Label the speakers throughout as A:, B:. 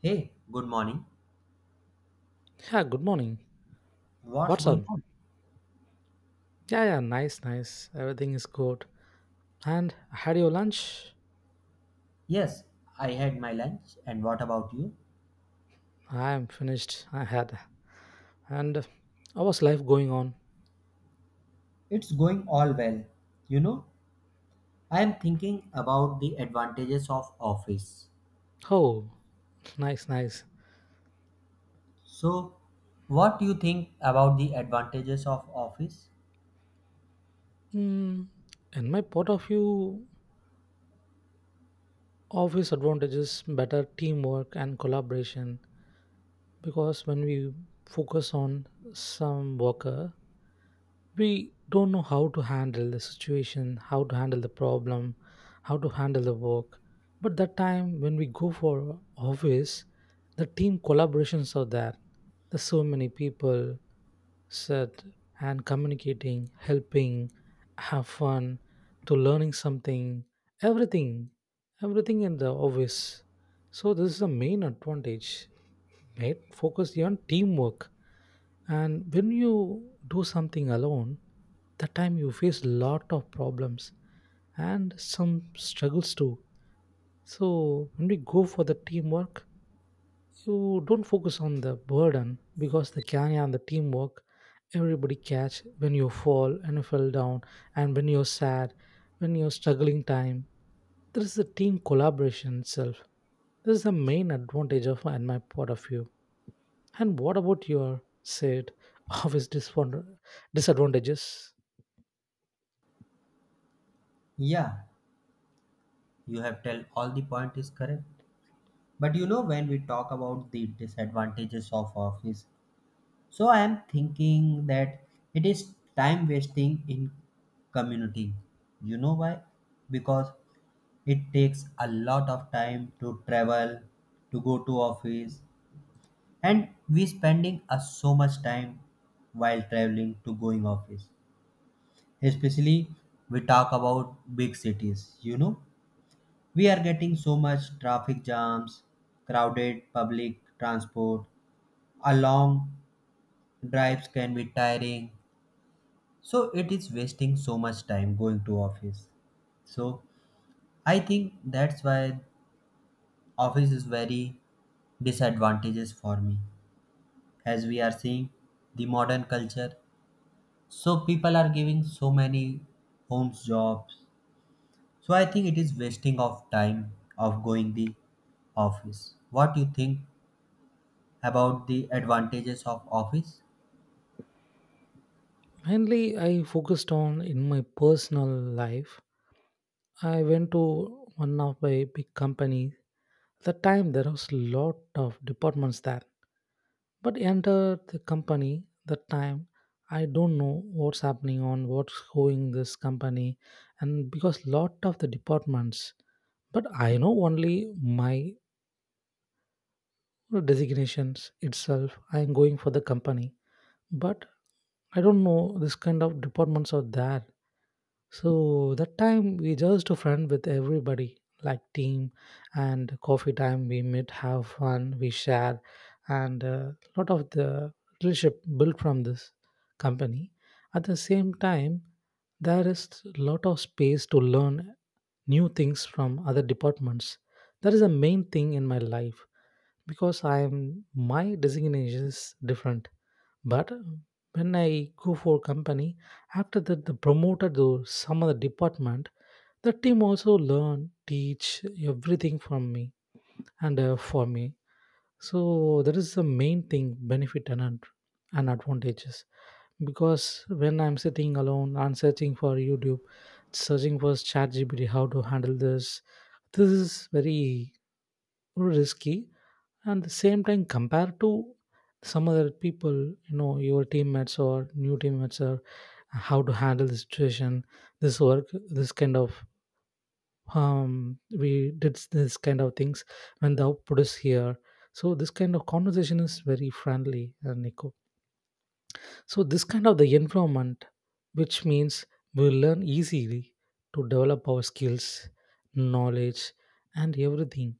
A: Hey, good morning.
B: Yeah, good morning.
A: What's
B: What's
A: going
B: up?
A: on?
B: Yeah, yeah, nice, nice. Everything is good. And had your lunch?
A: Yes, I had my lunch. And what about you?
B: I am finished. I had. And how was life going on?
A: It's going all well. You know, I am thinking about the advantages of office.
B: Oh, nice, nice.
A: So, what do you think about the advantages of office?
B: Hmm. In my point of view, obvious advantages, better teamwork and collaboration. Because when we focus on some worker, we don't know how to handle the situation, how to handle the problem, how to handle the work. But that time when we go for office, the team collaborations are there. There's so many people sit and communicating, helping, have fun, to learning something, everything, everything in the office. So this is the main advantage. Mate, focus on teamwork, and when you do something alone, that time you face lot of problems and some struggles too. So when we go for the teamwork, you don't focus on the burden because the carry and the teamwork, everybody catch when you fall and you fell down, and when you're sad, when you're struggling time, there is the team collaboration itself. This is the main advantage of and my point of view. And what about your said office disadvantages?
A: Yeah, you have tell all the point is correct. But you know when we talk about the disadvantages of office, so I am thinking that it is time wasting in community. You know why? Because it takes a lot of time to travel to go to office, and we spending a so much time while traveling to going office, especially we talk about big cities, you know, we are getting so much traffic jams, crowded public transport, a long drives can be tiring. So it is wasting so much time going to office. So I think that's why office is very disadvantages for me. As we are seeing the modern culture, so people are giving so many homes jobs. So I think it is wasting of time of going the office. What you think about the advantages of office?
B: Mainly, I focused on in my personal life. I went to one of my big company. The time there was lot of departments there, but enter the company that time. I don't know what's happening on what's going this company, and because lot of the departments, but I know only my. No designations itself, I am going for the company, but I don't know this kind of departments are there. So that time we just a friend with everybody, like team and coffee time. We meet, have fun, we share, and a lot of the relationship built from this company. At the same time, there is lot of space to learn new things from other departments. That is the main thing in my life because I am my designation is different. But when I go for company, after that, the promoted to some other department. The team also learn, teach everything from me and for me. So that is the main thing benefit and and advantages. Because when I'm sitting alone and searching for YouTube, searching for ChatGPT, how to handle this, this is very risky, and the same time compared to some other people, your teammates or new teammates, or how to handle the situation, this work, this kind of, we did this kind of things when the output is here. So this kind of conversation is very friendly, nico. So this kind of the environment, which means we learn easily to develop our skills, knowledge and everything.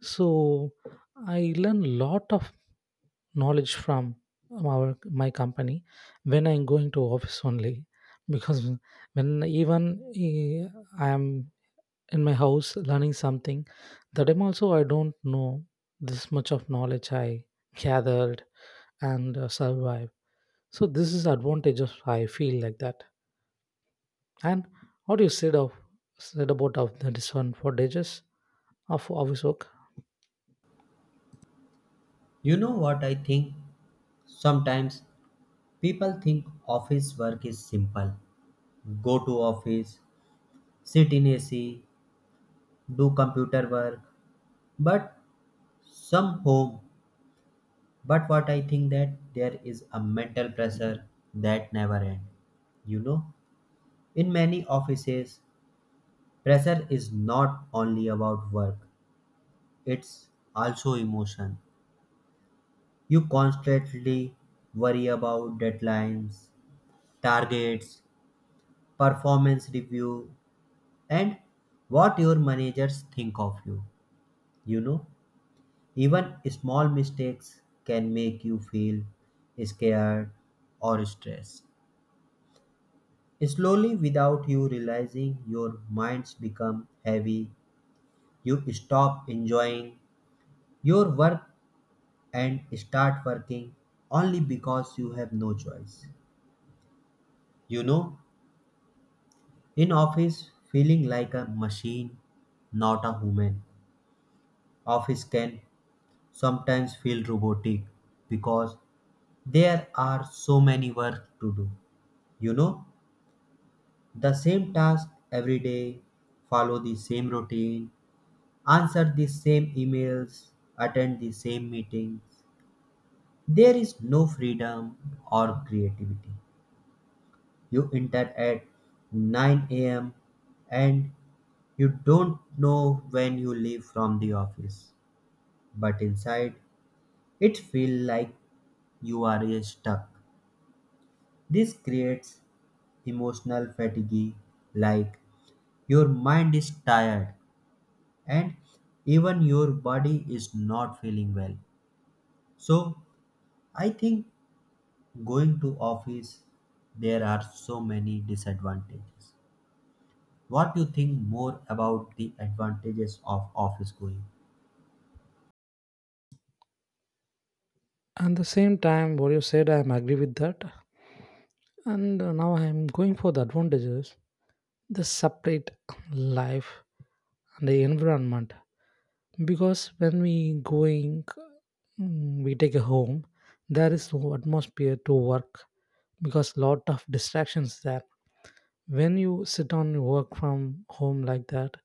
B: So I learn lot of knowledge from our my company when I'm going to office only, because when even eh, I am in my house learning something, that time also I don't know this much of knowledge I gathered and survive. So this is advantage of I feel like that. And what you said of said about of the disadvantages of office work.
A: You know what I think, sometimes people think office work is simple. Go to office, sit in AC, do computer work. But some home. But what I think that there is a mental pressure that never ends. You know, in many offices, pressure is not only about work, it's also emotion. You constantly worry about deadlines, targets, performance review, and what your managers think of you. You know, even small mistakes can make you feel scared or stressed. Slowly, without you realizing, your minds become heavy. You stop enjoying your work and start working only because you have no choice. You know, in office, feeling like a machine, not a human. Office can sometimes feel robotic because there are so many work to do. You know, the same task every day, follow the same routine, answer the same emails, attend the same meetings. There is no freedom or creativity. You enter at 9 a.m., and you don't know when you leave from the office. But inside, it feels like you are stuck. This creates emotional fatigue, like your mind is tired and even your body is not feeling well. So, I think going to office there are so many disadvantages. What you think more about the advantages of office going?
B: And the same time what you said I am agree with that, and now I am going for the advantages, the separate life and the environment. Because when we going, we take a home, there is no atmosphere to work, because lot of distractions there. When you sit on your work from home like that,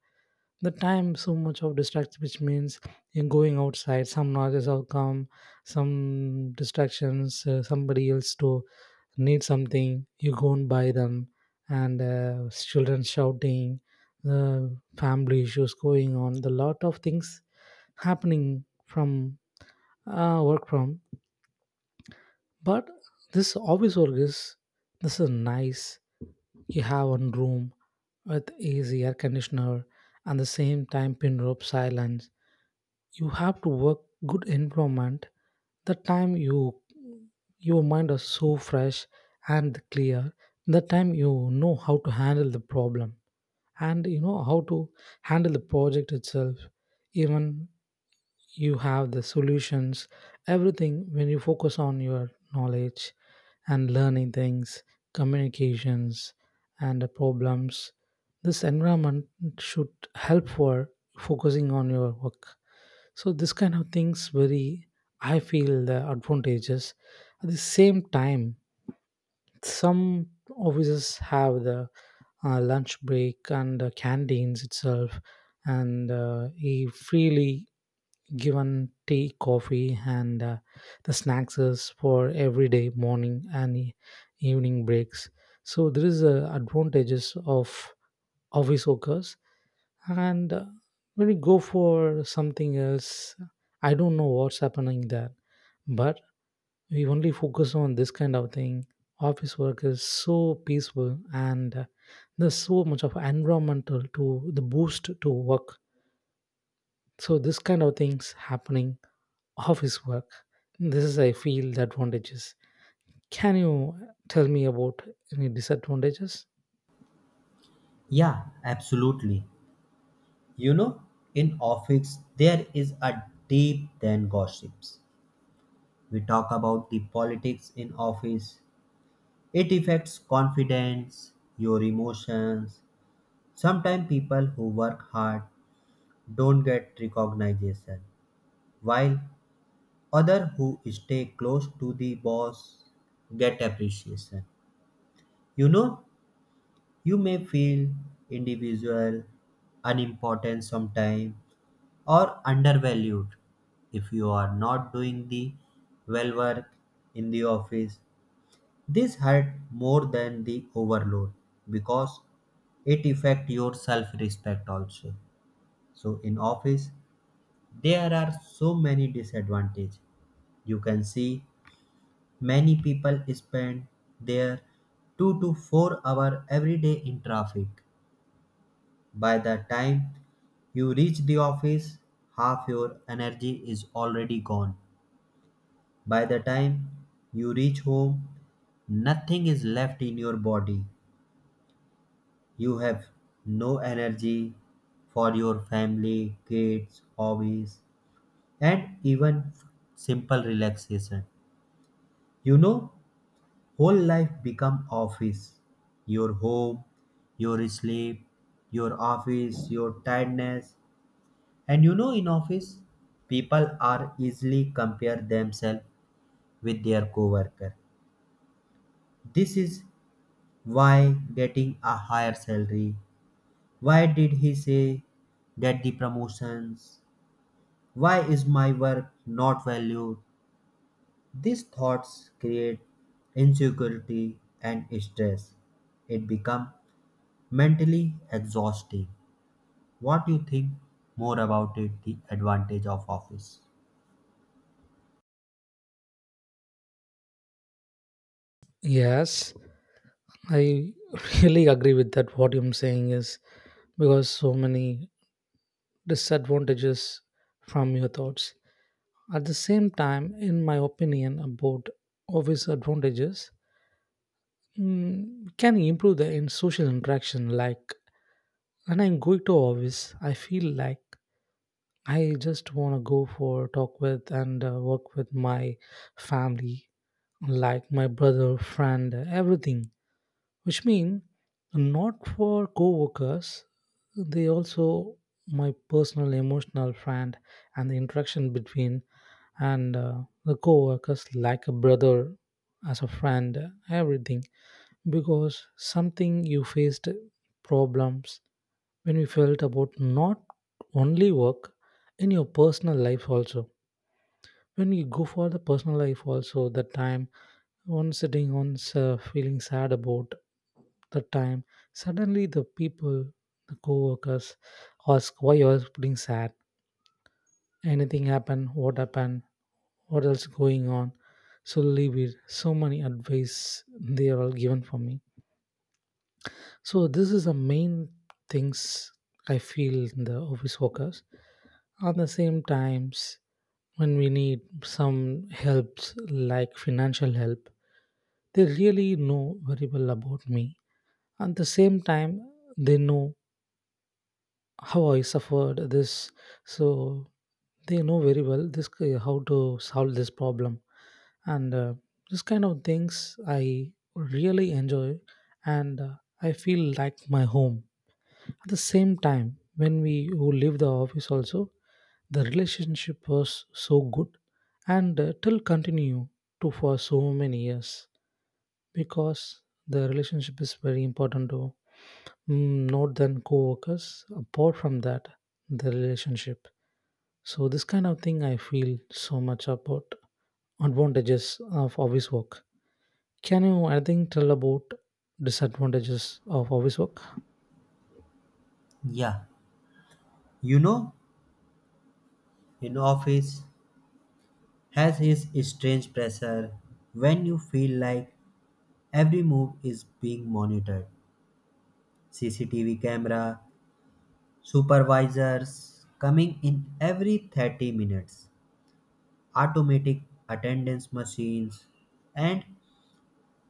B: the time so much of distractions, which means you're going outside, some noises will come, some distractions, somebody else to need something you go and buy them, and children shouting, the family issues going on, the lot of things happening from work from. But this office work is, this is nice. You have one room with easy air conditioner, and the same time pin rope silence, you have to work, good environment. The time your mind is so fresh and clear, the time you know how to handle the problem, and you know how to handle the project itself. Even you have the solutions, everything, when you focus on your knowledge and learning things, communications and the problems, this environment should help for focusing on your work. So this kind of things very I feel the advantages. At the same time, some offices have the lunch break and canteens itself, and he freely given tea, coffee, and the snacks is for everyday morning and evening breaks. So there is advantages of office workers, and when we go for something else I don't know what's happening there, but we only focus on this kind of thing, office work is so peaceful, and there's so much of environmental to the boost to work. So this kind of things happening office work, this is I feel the advantages. Can you tell me about any disadvantages?
A: Yeah, absolutely. You know, in office there is a deep then gossips. We talk about the politics in office, it affects confidence, your emotions. Sometimes people who work hard don't get recognition, while other who stay close to the boss get appreciation. You know, you may feel individual, unimportant sometime or undervalued if you are not doing the well work in the office. This hurt more than the overload because it affect your self respect also. So in office there are so many disadvantages you can see. Many people spend their 2 to 4 hour every day in traffic. By the time you reach the office, half your energy is already gone. By the time you reach home, nothing is left in your body. You have no energy for your family, kids, hobbies, and even simple relaxation. You know, whole life become office. Your home, your sleep, your office, your tiredness. And you know in office, people are easily compare themselves with their coworker. This is why getting a higher salary. Why did he say get the promotions? Why is my work not valued? These thoughts create insecurity and stress. It become mentally exhausting. What you think more about it, the advantage of office?
B: Yes, I really agree with that. What I'm saying is, because so many disadvantages from your thoughts. At the same time, in my opinion, about obvious advantages, can improve the in social interaction. Like when I'm going to office, I feel like I just want to go for talk with and work with my family, like my brother, friend, everything, which mean not for co-workers, they also my personal emotional friend, and the interaction between and the co-workers like a brother, as a friend, everything. Because something you faced problems, when you felt about not only work, in your personal life also, when we go for the personal life also, the time one sitting one's, feeling sad about, the time suddenly the people, the co-workers ask why you are putting sad, anything happened, what happened, what else going on. So leave it, so many advice they are all given for me. So this is the main things I feel in the office workers. At the same times, when we need some helps like financial help, they really know very well about me. At the same time, they know how I suffered this, so they know very well this how to solve this problem. And this kind of things I really enjoy, and I feel like my home. At the same time, when we who leave the office also, the relationship was so good, and till continue to for so many years, because the relationship is very important to, not than co-workers, apart from that the relationship. So this kind of thing I feel so much about advantages of office work. Can you anything tell about disadvantages of office work?
A: Yeah, you know, in office has its strange pressure when you feel like every move is being monitored. CCTV camera, supervisors coming in every 30 minutes, automatic attendance machines, and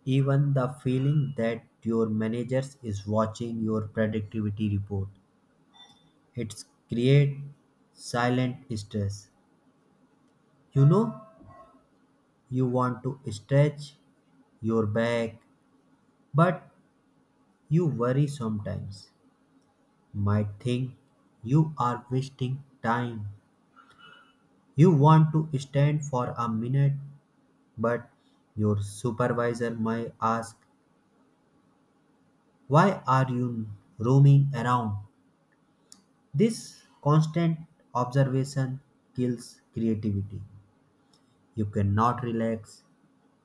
A: even the feeling that your managers is watching your productivity report. It creates silent stress. You know, you want to stretch your back, but you worry sometimes. Might think you are wasting time. You want to stand for a minute, but your supervisor might ask, why are you roaming around? This constant observation kills creativity. You cannot relax.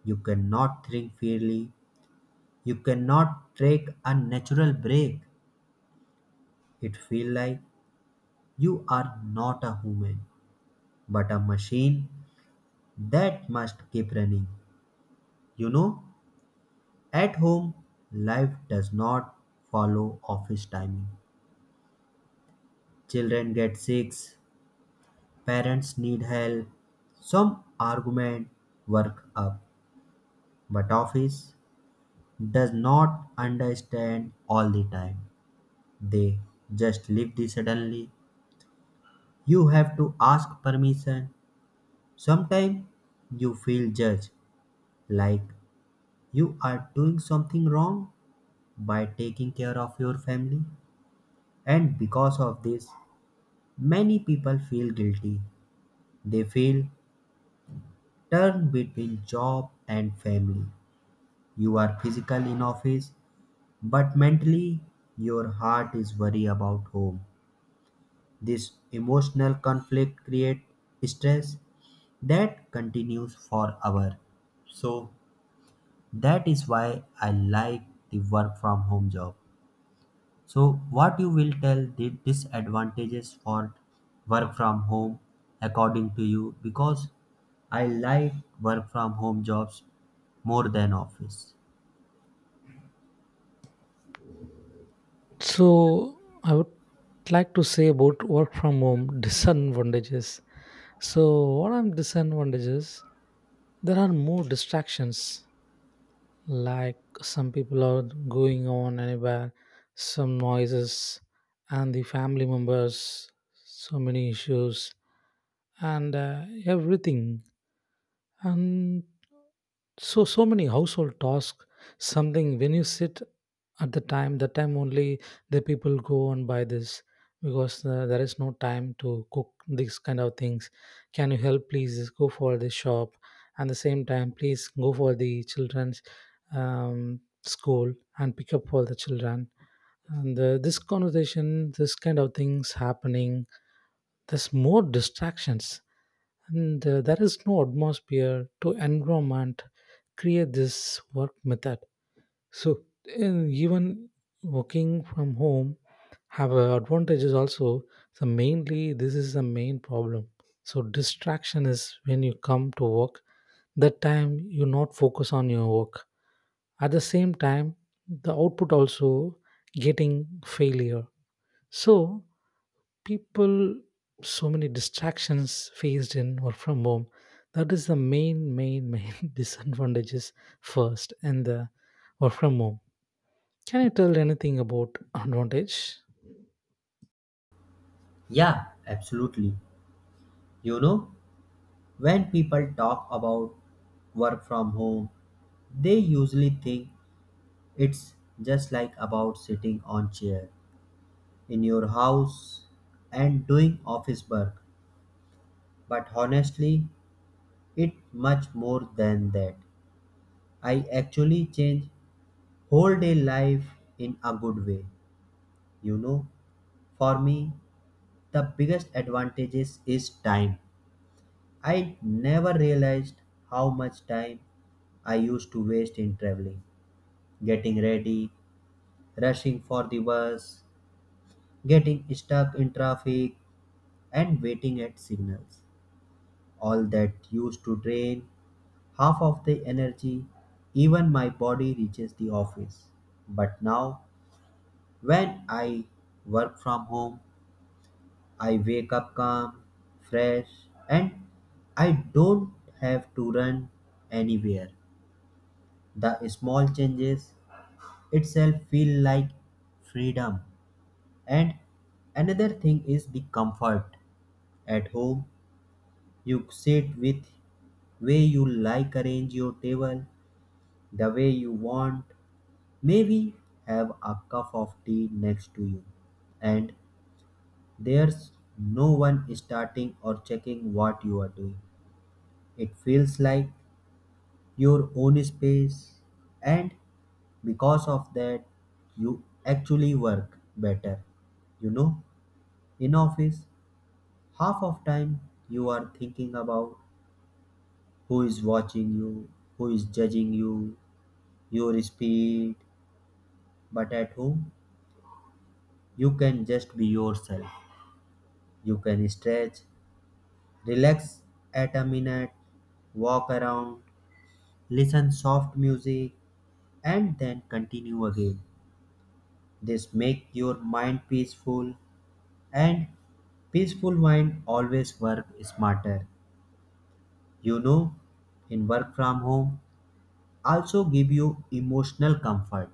A: You cannot think freely. You cannot take a natural break. It feels like you are not a human, but a machine that must keep running. You know, at home, life does not follow office timing. Children get sick, parents need help, some argument, work up. But office does not understand all the time. They just leave the suddenly. You have to ask permission. Sometimes you feel judged, like you are doing something wrong by taking care of your family. And because of this, many people feel guilty. They feel torn between job and family. You are physical in office, but mentally your heart is worried about home. This emotional conflict creates stress that continues for hours. So that is why I like the work from home job. So what you will tell the disadvantages for work from home according to you, because I like work from home jobs more than office.
B: So I would like to say about work from home disadvantages. So what are disadvantages? There are more distractions. Like some people are going on anywhere, some noises, and the family members, so many issues, and everything, and so many household tasks. Something when you sit, at the time only the people go and buy this, because there is no time to cook these kind of things. Can you help, please go for the shop, and the same time please go for the children's, school and pick up for the children, and this conversation, this kind of things happening. There's more distractions, and there is no atmosphere to environment create this work method. So and even working from home have advantages also. So mainly this is the main problem. So distraction is when you come to work, that time you not focus on your work. At the same time, the output also getting failure. So people so many distractions faced in or from home. That is the main main main disadvantages, first and the or from home. Can you tell anything about advantage?
A: Yeah, absolutely. You know, when people talk about work from home, they usually think it's just like about sitting on chair in your house and doing office work. But honestly, it much more than that. I actually change whole day life in a good way. You know, for me, the biggest advantages is time. I never realized how much time I used to waste in traveling, getting ready, rushing for the bus, getting stuck in traffic, and waiting at signals. All that used to drain half of the energy even my body reaches the office. But now, when I work from home, I wake up calm, fresh, and I don't have to run anywhere. The small changes itself feel like freedom. And another thing is the comfort. At home, you sit with way you like, arrange your table the way you want, maybe have a cup of tea next to you, and there's no one starting or checking what you are doing. It feels like your own space, and because of that, you actually work better. You know, in office, half of time you are thinking about who is watching you, who is judging you, your speed, but at home, you can just be yourself. You can stretch, relax at a minute, walk around, listen soft music and then continue again. This make your mind peaceful, and peaceful mind always work smarter. You know, in work from home also give you emotional comfort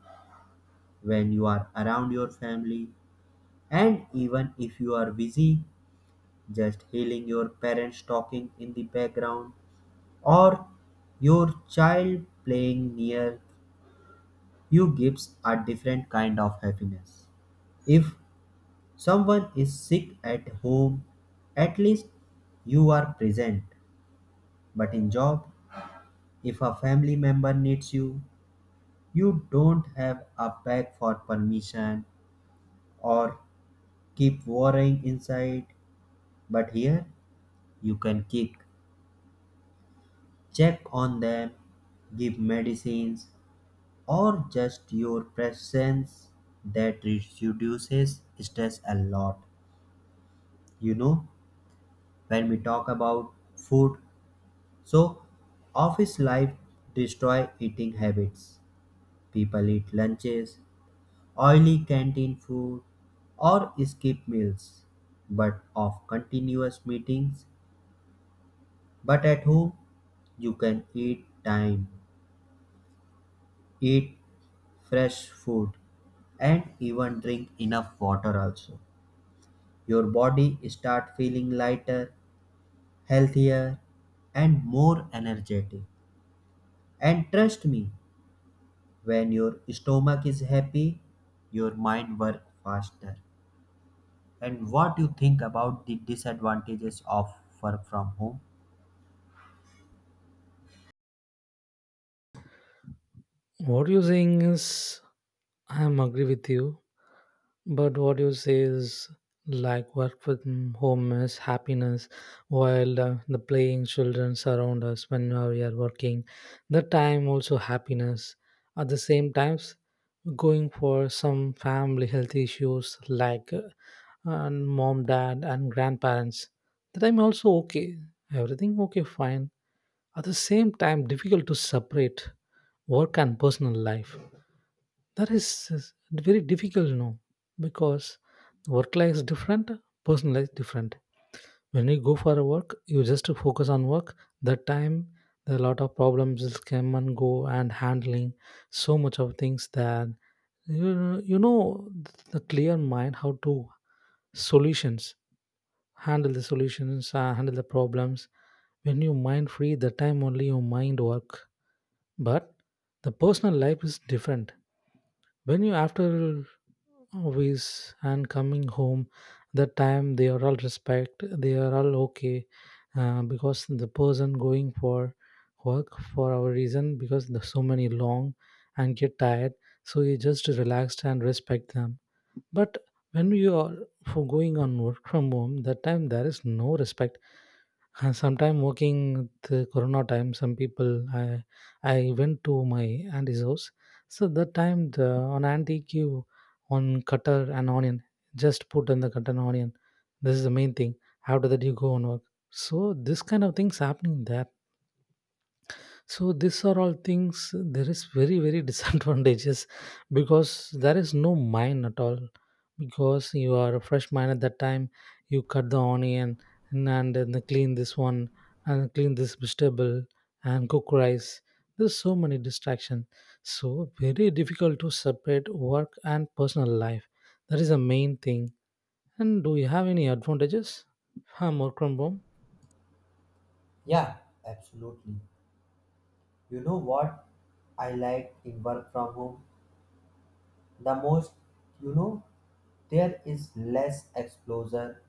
A: when you are around your family, and even if you are busy just hearing your parents talking in the background or your child playing near you gives a different kind of happiness. If someone is sick at home, at least you are present. But in job, if a family member needs you, you don't have a bag for permission or keep worrying inside. But here, you can kick, check on them, give medicines, or just your presence that reduces stress a lot. You know, when we talk about food, so office life destroy eating habits. People eat lunches, oily canteen food, or skip meals but of continuous meetings. But at home, you can eat time, eat fresh food, and even drink enough water also. Your body start feeling lighter, healthier, and more energetic. And trust me, when your stomach is happy, your mind work faster. And what you think about the disadvantages of work from home?
B: What you're saying is, I am agree with you, but what you say is like work from home is happiness, while the playing children surround us when we are working. The time also happiness. At the same times, going for some family health issues like and mom, dad, and grandparents. The time also okay. Everything okay, fine. At the same time difficult to separate work and personal life, that is very difficult. Because work life is different, personal life is different. When you go for a work you just focus on work. That time there are a lot of problems is come and go and handling so much of things, that you you know the clear mind how to solutions handle the solutions, handle the problems. When you mind free, the time only your mind work. But the personal life is different. When you after office and coming home, that time they are all respect, they are all okay, because the person going for work for our reason, because the so many long and get tired, so you just relaxed and respect them. But when you are for going on work from home, that time there is no respect. And sometime working the corona time, some people, I went to my auntie's house. So that time the on auntie queue on cutter and onion. Just put in the cutter and onion. This is the main thing. After that you go on work. So this kind of things happening there. So these are all things. There is very very disadvantages, because there is no mine at all. Because you are a fresh mine at that time, you cut the onion, and then clean this one, and clean this vegetable, and cook rice. There's so many distraction. So very difficult to separate work and personal life. That is the main thing. And do you have any advantages? Huh, more from home?
A: Yeah, absolutely. You know what I like in work from home the most. You know, there is less exposure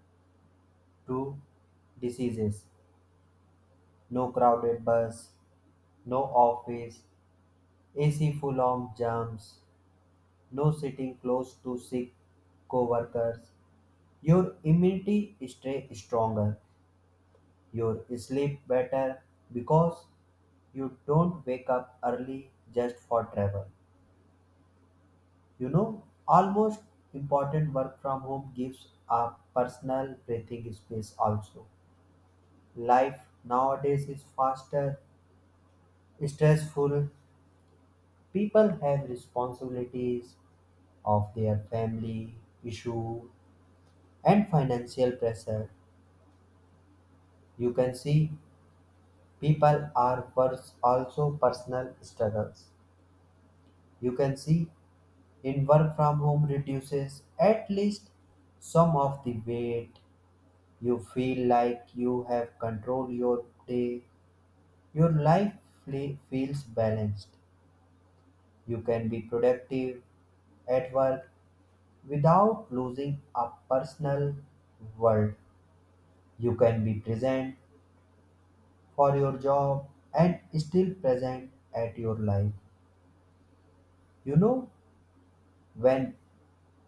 A: to diseases, no crowded bus, no office AC full of jams, no sitting close to sick coworkers. Your immunity stay stronger. Your sleep better because you don't wake up early just for travel. You know, almost important work from home gives a personal breathing space also. Life nowadays is faster, stressful. People have responsibilities of their family, issue, and financial pressure. You can see people are pers- also personal struggles. You can see in work from home reduces at least some of the weight. You feel like you have control your day. Your life fle- feels balanced. You can be productive at work without losing a personal world. You can be present for your job and still present at your life. You know, when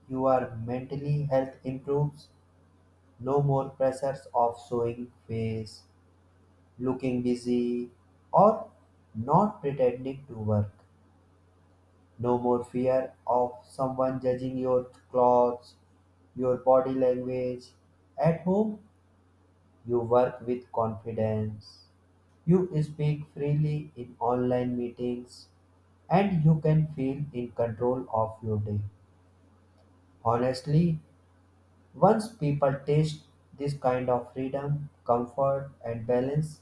A: you are mentally health improves, no more pressures of showing face, looking busy, or not pretending to work. No more fear of someone judging your clothes, your body language. At home, you work with confidence. You speak freely in online meetings and you can feel in control of your day. Honestly, once people taste this kind of freedom, comfort, and balance,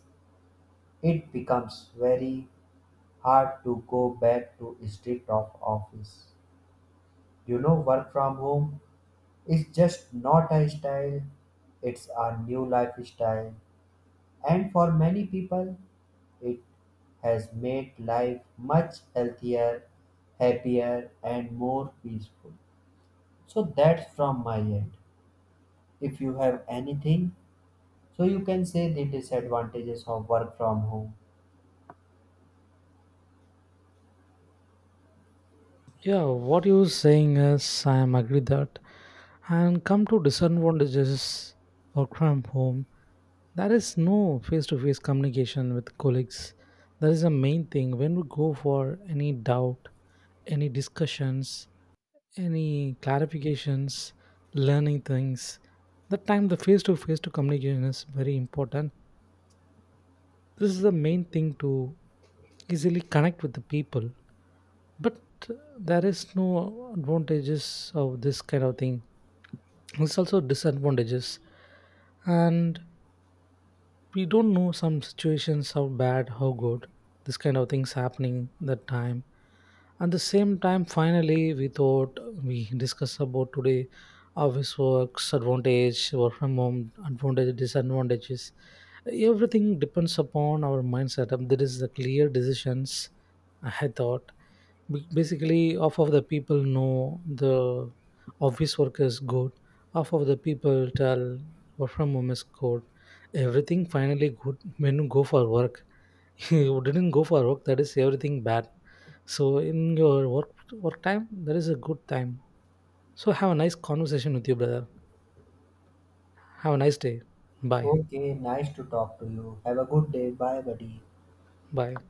A: it becomes very hard to go back to strict of office. You know, work from home is just not a style; it's a new lifestyle, and for many people, it has made life much healthier, happier, and more peaceful. So that's from my end. If you have anything, so you can say the disadvantages of work from home.
B: Yeah, what you're saying is I am agree that, and come to disadvantages work from home. There is no face-to-face communication with colleagues. That is the main thing. When we go for any doubt, any discussions, any clarifications, learning things, that time the face-to-face to communication is very important. This is the main thing to easily connect with the people, but there is no advantages of this kind of thing, it's also disadvantages. And we don't know some situations, how bad how good, this kind of things happening that time. At the same time, finally, we thought we discuss about today office works, advantage, work from home, advantages, disadvantages. Everything depends upon our mindset. There is the clear decisions. I thought basically half of the people know the office work is good. Half of the people tell work from home is good. Everything finally good when you go for work. You didn't go for work, that is everything bad. So in your work time, there is a good time. So have a nice conversation with you, brother. Have a nice day. Bye.
A: Okay, nice to talk to you. Have a good day. Bye, buddy.
B: Bye.